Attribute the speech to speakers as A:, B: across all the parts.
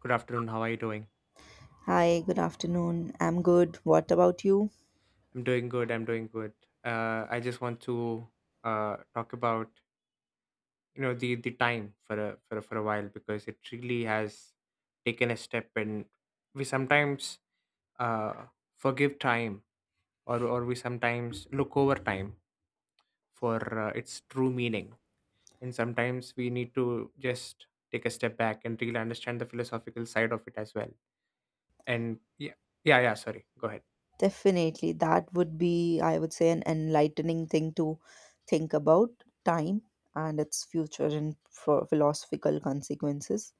A: Good afternoon. How are you doing?
B: Hi, good afternoon. I'm good. What about you?
A: I'm doing good. I'm doing good. I just want to talk about the time for a for a while because it really has taken a step, and we sometimes uh, forgive time, or we sometimes look over time for its true meaning, and sometimes we need to just take a step back and really understand the philosophical side of it as well. And yeah, yeah, yeah. Sorry. Go ahead.
B: Definitely. That would be, I would say, an enlightening thing to think about time and its future and philosophical consequences.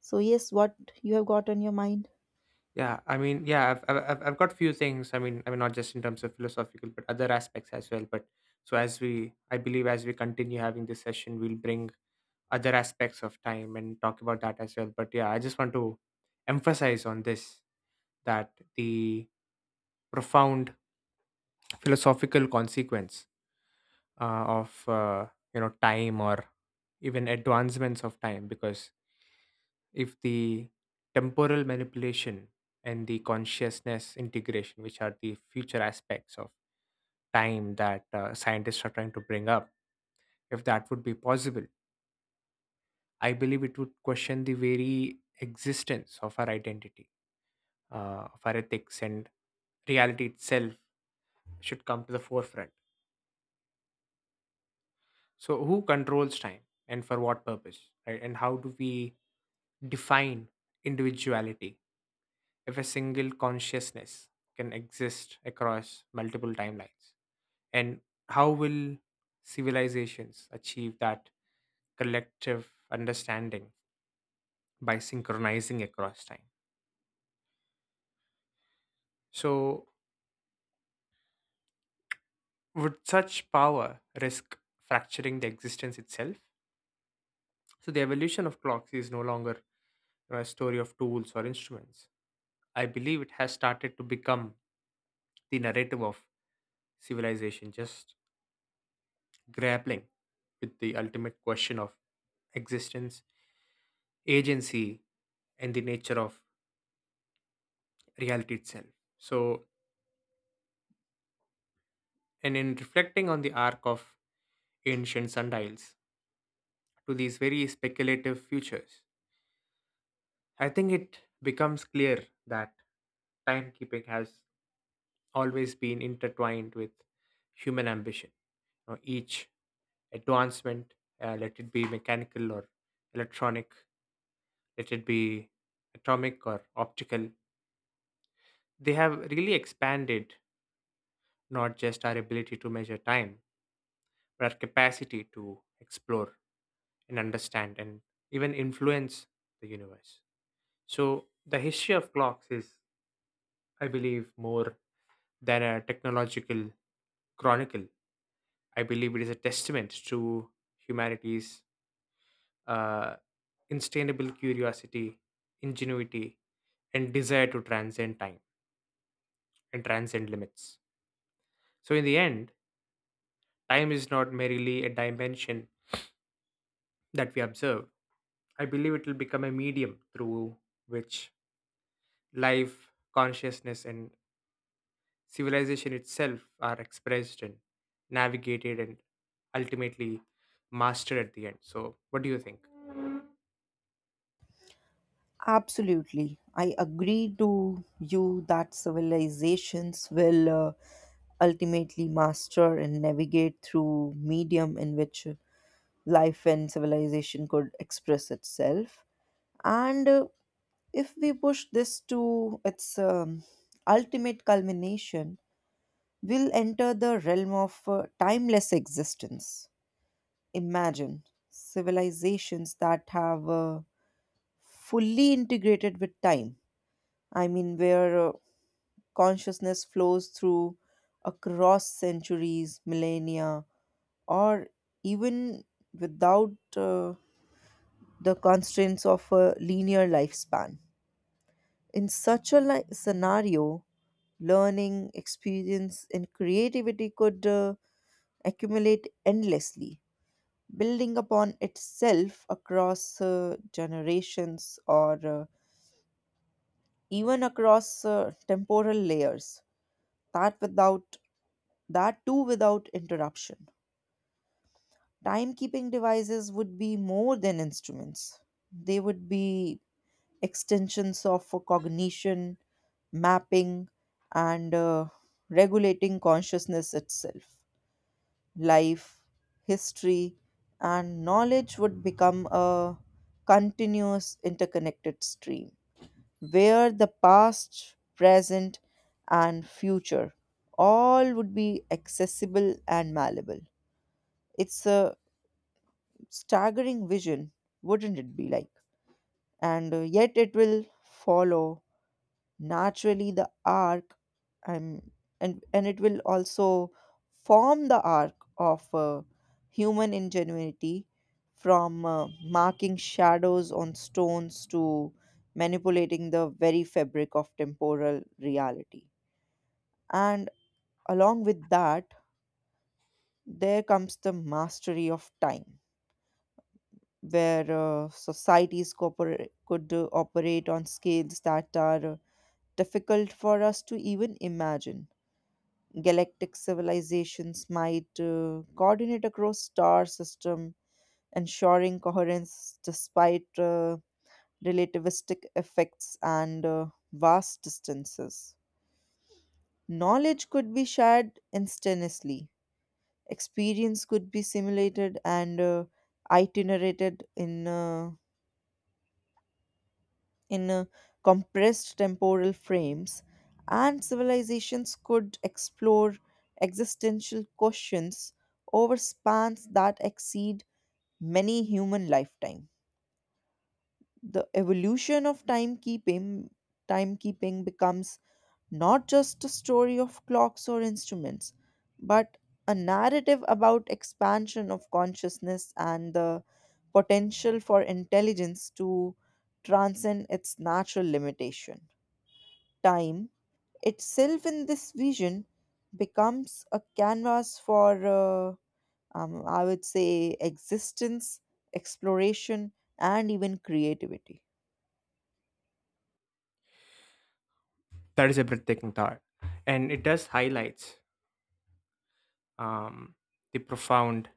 B: So, yes, what you have got on your mind?
A: Yeah, I mean, yeah, I've got few things. I mean, not just in terms of philosophical, but other aspects as well. But so as we, I believe, as we continue having this session, we'll bring other aspects of time and talk about that as well. But yeah, I just want to emphasize on this that the profound philosophical consequence of time or even advancements of time, because if the temporal manipulation and the consciousness integration, which are the future aspects of time that scientists are trying to bring up, if that would be possible, I believe it would question the very existence of our identity, of our ethics, and reality itself should come to the forefront. So, who controls time and for what purpose, right? And how do we define individuality if a single consciousness can exist across multiple timelines? And how will civilizations achieve that collective understanding by synchronizing across time? So, would such power risk fracturing the existence itself? So, the evolution of clocks is no longer, a story of tools or instruments. I believe it has started to become the narrative of civilization, just grappling with the ultimate question of existence, agency, and the nature of reality itself. So, and in reflecting on the arc of ancient sundials to these very speculative futures, I think it becomes clear that timekeeping has always been intertwined with human ambition. You know, each advancement, let it be mechanical or electronic, let it be atomic or optical, they have really expanded not just our ability to measure time, but our capacity to explore and understand and even influence the universe. So, the history of clocks is, I believe, more than a technological chronicle. I believe it is a testament to humanity's uh, insatiable curiosity, ingenuity, and desire to transcend time and transcend limits. So, in the end, time is not merely a dimension that we observe. I believe it will become a medium through which life, consciousness, and civilization itself are expressed and navigated and ultimately mastered at the end. So, what do you think?
B: Absolutely. I agree to you that civilizations will ultimately master and navigate through medium in which life and civilization could express itself. And If we push this to its ultimate culmination, we'll enter the realm of timeless existence. Imagine civilizations that have fully integrated with time. I mean, where consciousness flows through across centuries, millennia, or even without the constraints of a linear lifespan. In such a scenario, learning, experience, and creativity could accumulate endlessly, building upon itself across generations or even across temporal layers. That without that too without interruption. Timekeeping devices would be more than instruments. They would be extensions of cognition, mapping, and regulating consciousness itself. Life, history, and knowledge would become a continuous interconnected stream where the past, present, and future all would be accessible and malleable. It's a staggering vision, wouldn't it be like? And Yet it will follow naturally the arc and and it will also form the arc of human ingenuity from marking shadows on stones to manipulating the very fabric of temporal reality, and along with that there comes the mastery of time where societies could operate on scales that are difficult for us to even imagine. Galactic civilizations might coordinate across star system, ensuring coherence despite relativistic effects and vast distances. Knowledge could be shared instantaneously. Experience could be simulated and itinerated in compressed temporal frames, and civilizations could explore existential questions over spans that exceed many human lifetime. The evolution of timekeeping becomes not just a story of clocks or instruments, but a narrative about expansion of consciousness and the potential for intelligence to transcend its natural limitation. Time itself in this vision becomes a canvas for, I would say, existence, exploration, and even creativity.
A: That is a breathtaking thought. And it does highlights, um, the profound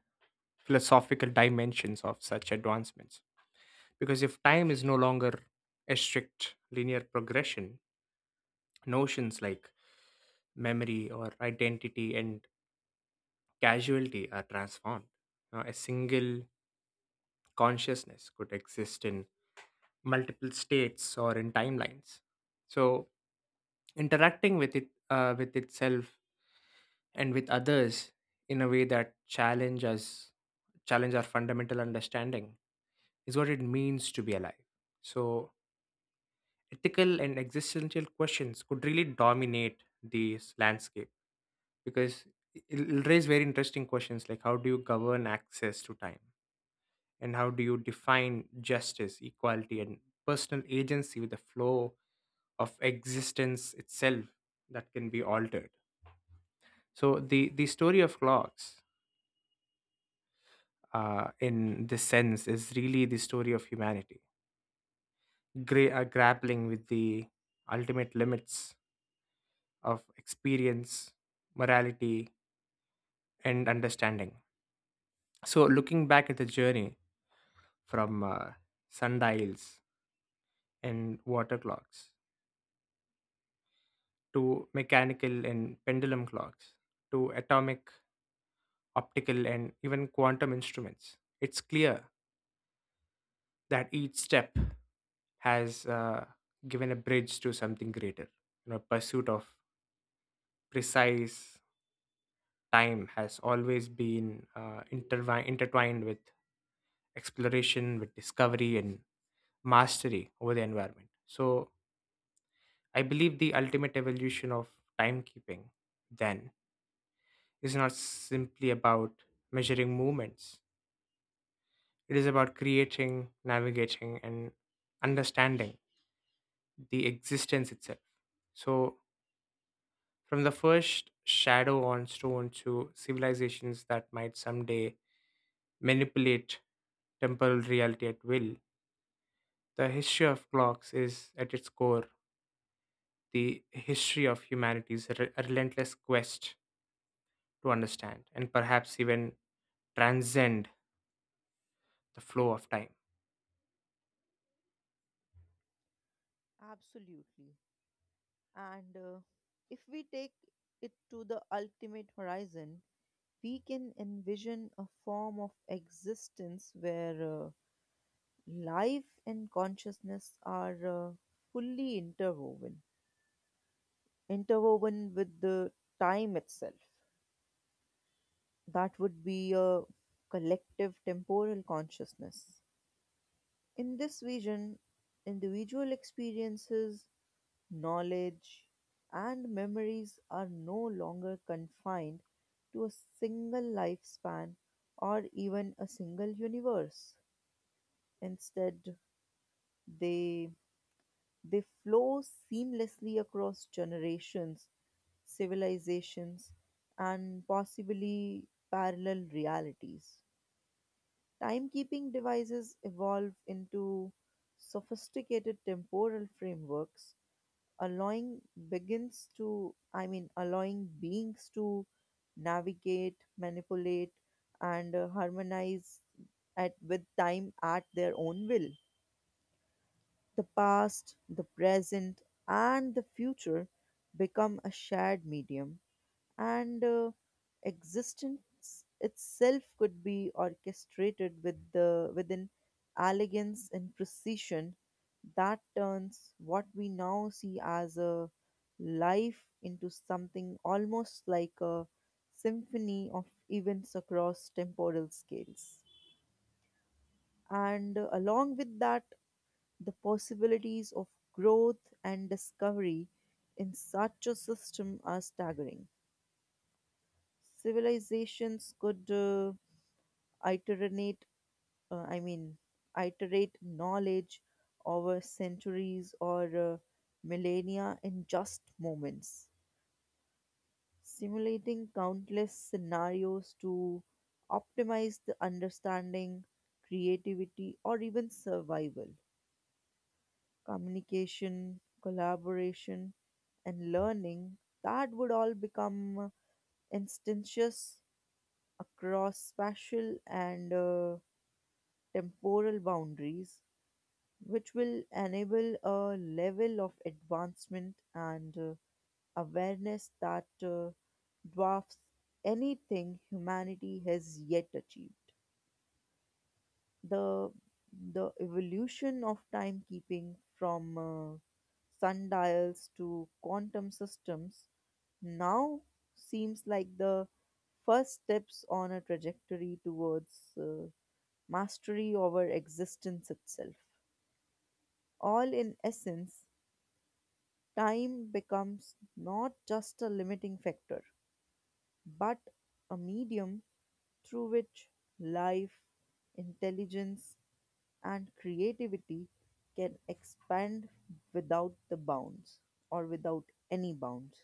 A: philosophical dimensions of such advancements. Because if time is no longer a strict linear progression, notions like memory or identity and casualty are transformed. Now, a single consciousness could exist in multiple states or in timelines. So, interacting with it, with itself, and with others in a way that challenge our fundamental understanding is what it means to be alive. So, ethical and existential questions could really dominate this landscape because it'll raise very interesting questions like how do you govern access to time and how do you define justice, equality, and personal agency with the flow of existence itself that can be altered? So the story of clocks, in this sense, is really the story of humanity, grappling with the ultimate limits of experience, morality, and understanding. So looking back at the journey from sundials and water clocks to mechanical and pendulum clocks, to atomic, optical, and even quantum instruments. It's clear that each step has given a bridge to something greater. You know, pursuit of precise time has always been intertwined with exploration, with discovery, and mastery over the environment. So, I believe the ultimate evolution of timekeeping then is not simply about measuring movements. It is about creating, navigating, and understanding the existence itself. So, from the first shadow on stone to civilizations that might someday manipulate temporal reality at will, the history of clocks is at its core the history of humanity's relentless quest to understand and perhaps even transcend the flow of time.
B: Absolutely. And If we take it to the ultimate horizon, we can envision a form of existence where life and consciousness are fully interwoven with the time itself. That would be a collective temporal consciousness. In this vision, individual experiences, knowledge, and memories are no longer confined to a single lifespan or even a single universe. Instead, they they flow seamlessly across generations, civilizations, and possibly parallel realities. Timekeeping devices evolve into sophisticated temporal frameworks, allowing begins to I mean allowing beings to navigate, manipulate, and harmonize at with time at their own will. The past, the present, and the future become a shared medium, and existence itself could be orchestrated with the within elegance and precision that turns what we now see as a life into something almost like a symphony of events across temporal scales. And Along with that, the possibilities of growth and discovery in such a system are staggering. Civilizations could iterate, uh, I mean, iterate knowledge over centuries or millennia in just moments, simulating countless scenarios to optimize the understanding, creativity, or even survival. Communication, collaboration, and learning that would all become instantaneous across spatial and temporal boundaries, which will enable a level of advancement and awareness that dwarfs anything humanity has yet achieved. the the evolution of timekeeping from sundials to quantum systems now seems like the first steps on a trajectory towards mastery over existence itself. All in essence, time becomes not just a limiting factor, but a medium through which life, intelligence, and creativity can expand without the bounds or without any bounds.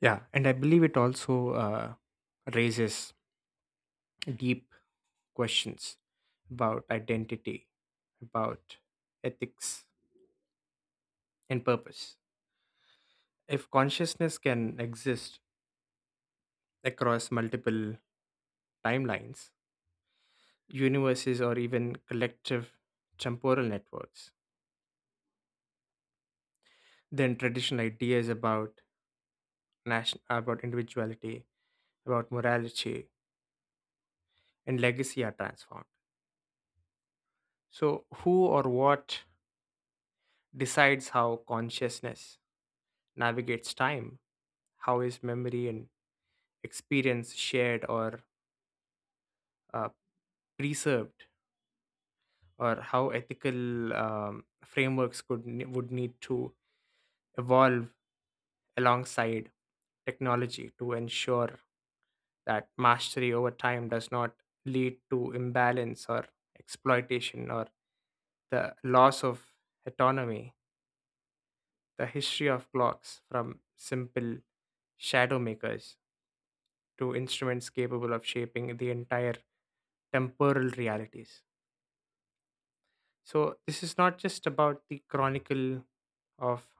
A: Yeah, and I believe it also raises deep questions about identity, about ethics, and purpose. If consciousness can exist across multiple timelines, universes, or even collective temporal networks, then traditional ideas about national, about individuality, about morality, and legacy are transformed. So, who or what decides how consciousness navigates time? How is memory and experience shared or uh, preserved, or how ethical frameworks would need to evolve alongside technology to ensure that mastery over time does not lead to imbalance or exploitation or the loss of autonomy, the history of clocks from simple shadow makers to instruments capable of shaping the entire temporal realities. So this is not just about the chronicle of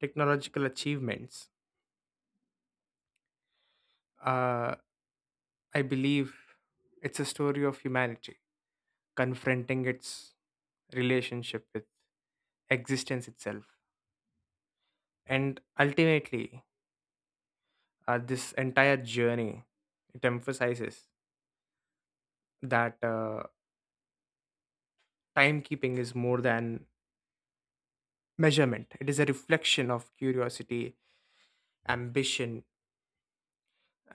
A: technological achievements. Uh, I believe it's a story of humanity confronting its relationship with existence itself, and ultimately, this entire journey it emphasizes that timekeeping is more than measurement. It is a reflection of curiosity, ambition,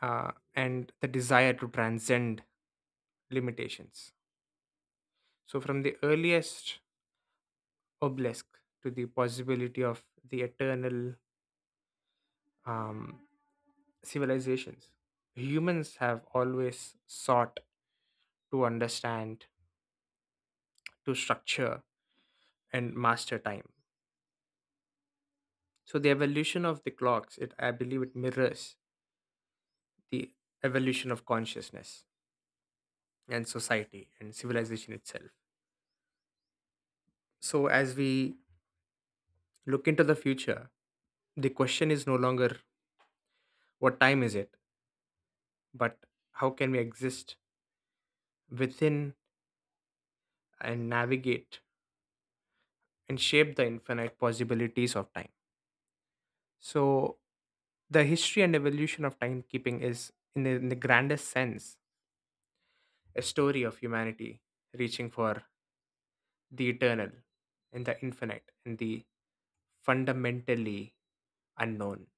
A: and the desire to transcend limitations. So, from the earliest obelisk to the possibility of the eternal, um, civilizations, humans have always sought to understand, to structure, and master time. So, the evolution of the clocks, it I believe, it mirrors the evolution of consciousness and society and civilization itself. So, as we look into the future, the question is no longer what time is it, but how can we exist within and navigate and shape the infinite possibilities of time. So, the history and evolution of timekeeping is, in the grandest sense, a story of humanity reaching for the eternal and the infinite and the fundamentally unknown.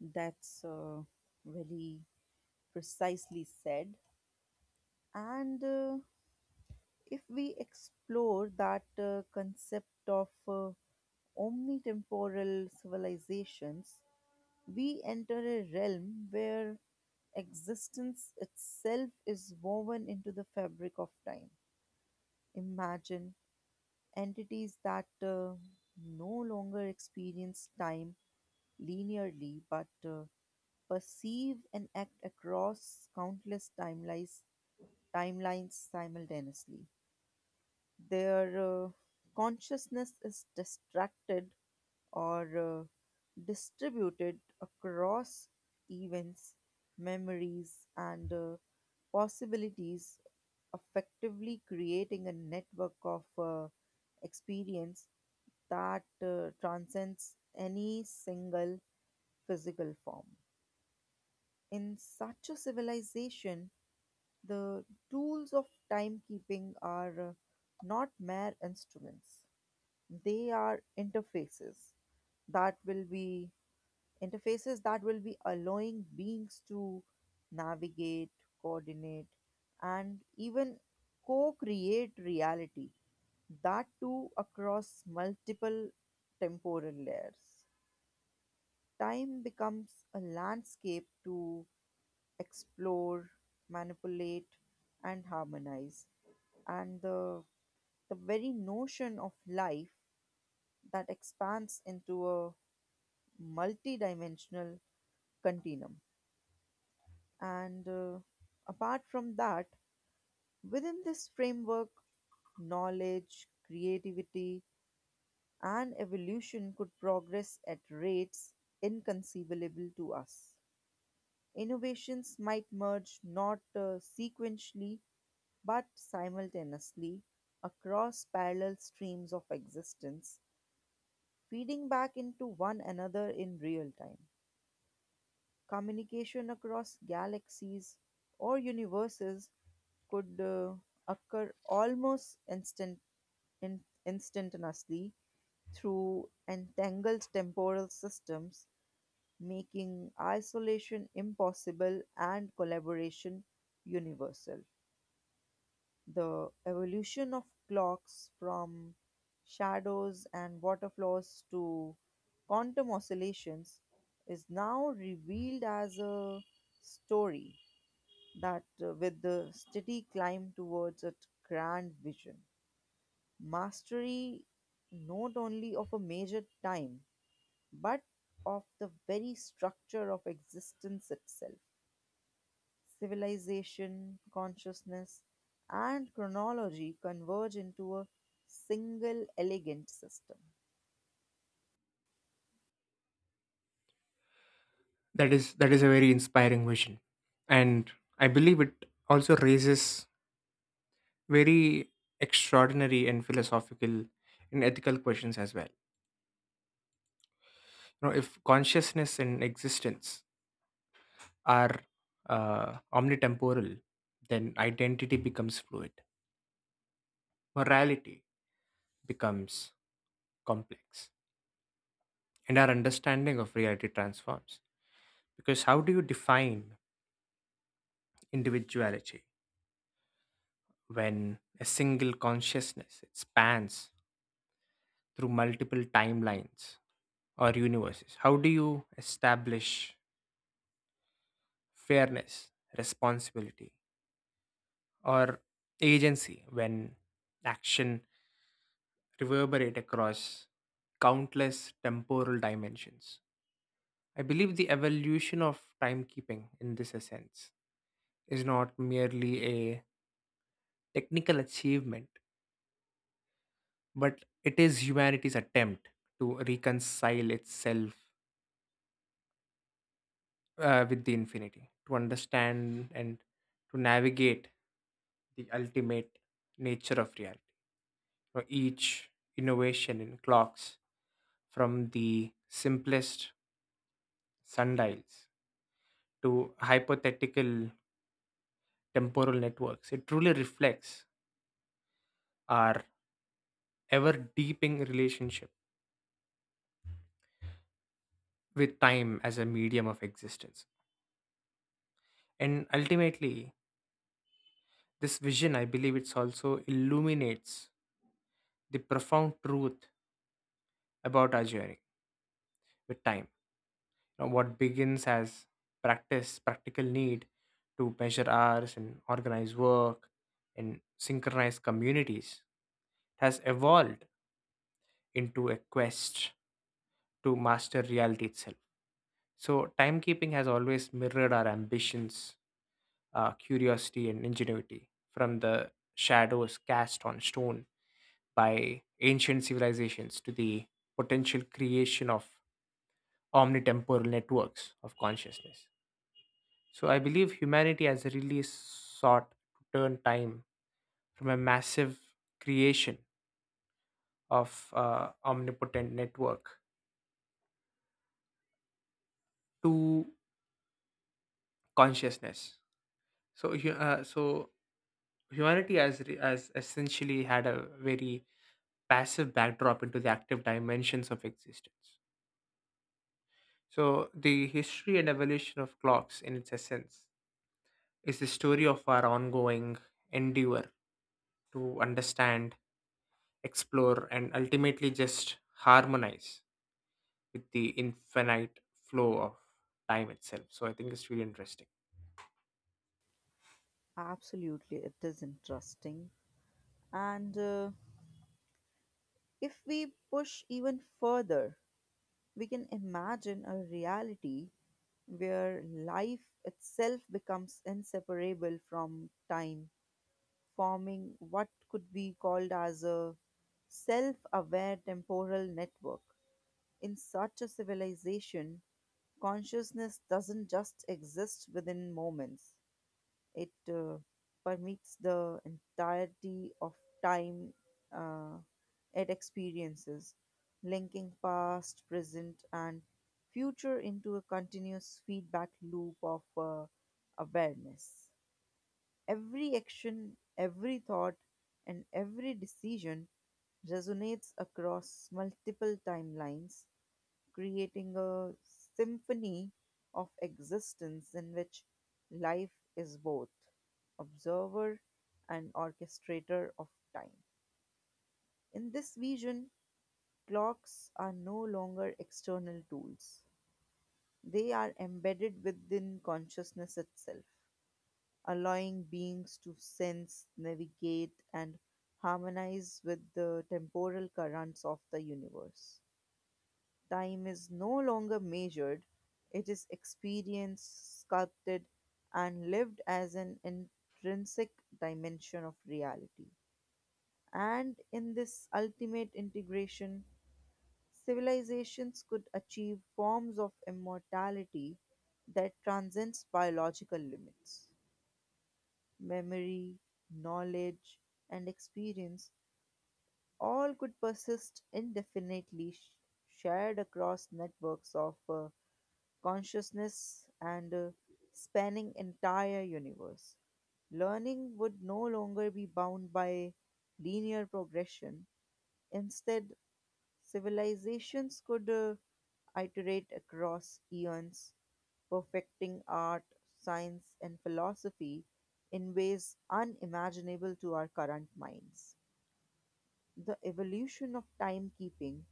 B: That's very precisely said. And If we explore that concept of omnitemporal civilizations, we enter a realm where existence itself is woven into the fabric of time. Imagine entities that no longer experience time linearly but perceive and act across countless timelines simultaneously. Their consciousness is distracted or distributed across events, memories, and possibilities, effectively creating a network of experience that transcends any single physical form. In such a civilization, the tools of timekeeping are not mere instruments. They are interfaces that will be interfaces that will be allowing beings to navigate, coordinate, and even co-create reality. That too across multiple temporal layers. Time becomes a landscape to explore, manipulate, and harmonize. And the very notion of life that expands into a multidimensional continuum. And Apart from that, within this framework, knowledge, creativity, and evolution could progress at rates inconceivable to us. Innovations might merge not sequentially but simultaneously across parallel streams of existence, feeding back into one another in real time. Communication across galaxies or universes could occur almost in, instantaneously through entangled temporal systems, making isolation impossible and collaboration universal. The evolution of clocks from shadows and water flows to quantum oscillations is now revealed as a story that with the steady climb towards a grand vision, mastery not only of a major time but of the very structure of existence itself. Civilization, consciousness, and chronology converge into a single elegant system.
A: That is a very inspiring vision, and I believe it also raises very extraordinary and philosophical and ethical questions as well. You know, if consciousness and existence are omnitemporal, then identity becomes fluid, morality becomes complex, and our understanding of reality transforms. Because how do you define individuality when a single consciousness it spans through multiple timelines or universes? How do you establish fairness, responsibility, or agency when action reverberate across countless temporal dimensions. I believe the evolution of timekeeping in this sense is not merely a technical achievement, but it is humanity's attempt to reconcile itself with the infinity to understand and to navigate the ultimate nature of reality. Now, each innovation in clocks, from the simplest sundials to hypothetical temporal networks, it truly reflects our ever deepening relationship with time as a medium of existence. And ultimately, this vision, I believe, it's also illuminates the profound truth about our journey with time. Now, what begins as practical need to measure hours and organize work and synchronize communities has evolved into a quest to master reality itself. So, timekeeping has always mirrored our ambitions, curiosity, and ingenuity from the shadows cast on stone by ancient civilizations to the potential creation of omnitemporal networks of consciousness. So I believe humanity has really sought to turn time from a massive creation of omnipotent network to consciousness. So humanity has has essentially had a very passive backdrop into the active dimensions of existence. So the history and evolution of clocks, in its essence, is the story of our ongoing endeavor to understand explore, and ultimately just harmonize with the infinite flow of time itself. So I think it's really interesting.
B: Absolutely, it is interesting. And If we push even further, we can imagine a reality where life itself becomes inseparable from time, forming what could be called as a self aware temporal network. In such a civilization, consciousness doesn't just exist within moments, it permeates the entirety of time. uh, it experiences, linking past, present, and future into a continuous feedback loop of awareness. Every action, every thought, and every decision resonates across multiple timelines, creating a symphony of existence in which life is both observer and orchestrator of time. In this vision, clocks are no longer external tools. They are embedded within consciousness itself, allowing beings to sense, navigate, and harmonize with the temporal currents of the universe. Time is no longer measured, it is experienced, sculpted, and lived as an intrinsic dimension of reality. And in this ultimate integration, civilizations could achieve forms of immortality that transcends biological limits. Memory, knowledge, and experience all could persist indefinitely, shared across networks of consciousness and spanning entire universe. Learning would no longer be bound by linear progression. Instead, civilizations could iterate across eons, perfecting art, science, and philosophy in ways unimaginable to our current minds. The evolution of timekeeping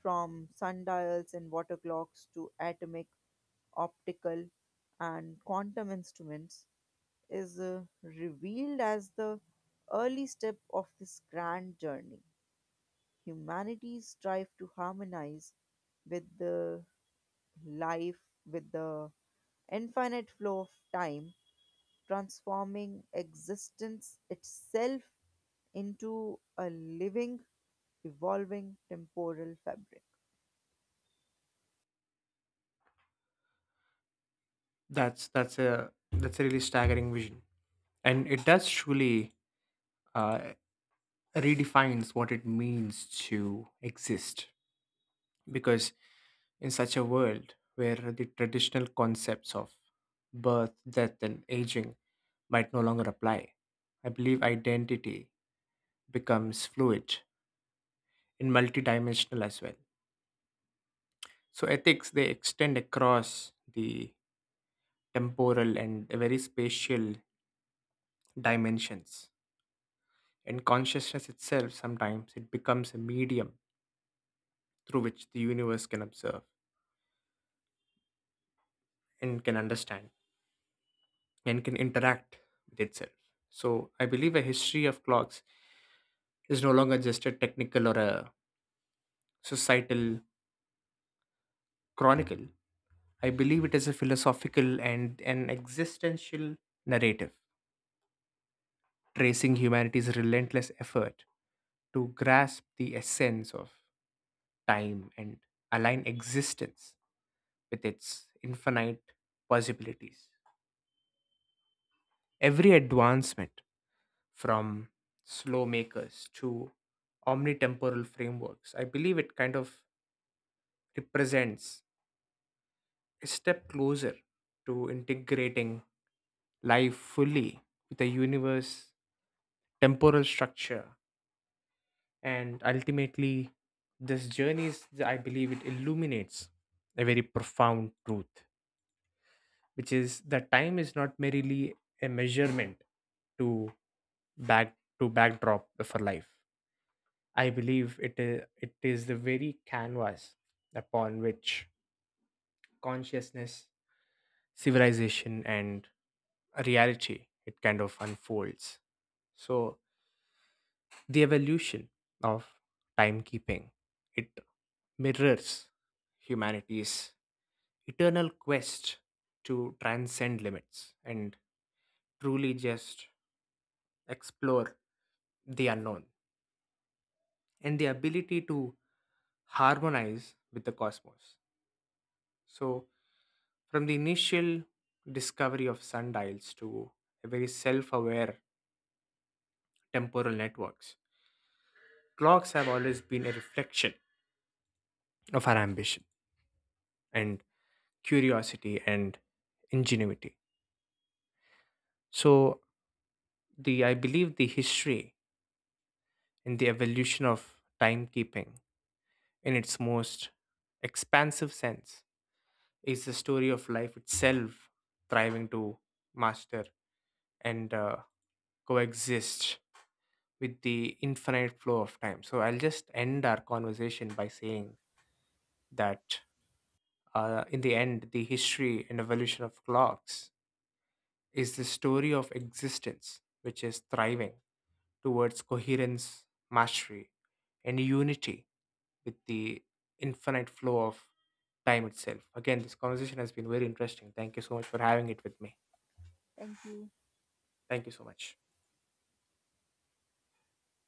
B: from sundials and water clocks to atomic, optical, and quantum instruments, is revealed as the early step of this grand journey. Humanity strive to harmonize with the life, with the infinite flow of time, transforming existence itself into a living, evolving temporal fabric.
A: That's a really staggering vision, and it does truly uh, redefines what it means to exist. Because in such a world where the traditional concepts of birth, death, and aging might no longer apply, I believe identity becomes fluid and multidimensional as well. So ethics they extend across the temporal and very spatial dimensions. And consciousness itself sometimes it becomes a medium through which the universe can observe and can understand and can interact with itself. So I believe a history of clocks is no longer just a technical or a societal chronicle. I believe it is a philosophical and an existential narrative tracing humanity's relentless effort to grasp the essence of time and align existence with its infinite possibilities. Every advancement from slow makers to omnitemporal frameworks, I believe it kind of represents a step closer to integrating life fully with the universe temporal structure and ultimately this journey is I believe it illuminates a very profound truth which is that time is not merely a measurement to backdrop for life I believe it is the very canvas upon which consciousness civilization and reality it kind of unfolds so the evolution of timekeeping it mirrors humanity's eternal quest to transcend limits and truly just explore the unknown and the ability to harmonize with the cosmos. So, from the initial discovery of sundials to very self aware temporal networks, clocks have always been a reflection of our ambition and curiosity, and ingenuity. So, the I believe the history and the evolution of timekeeping in its most expansive sense is the story of life itself striving to master and coexist with the infinite flow of time. So, I'll just end our conversation by saying that in the end, the history and evolution of clocks is the story of existence, which is thriving towards coherence, mastery, and unity with the infinite flow of time itself. Again, this conversation has been very interesting. Thank you so much for having it with me.
B: Thank you.
A: Thank you so much.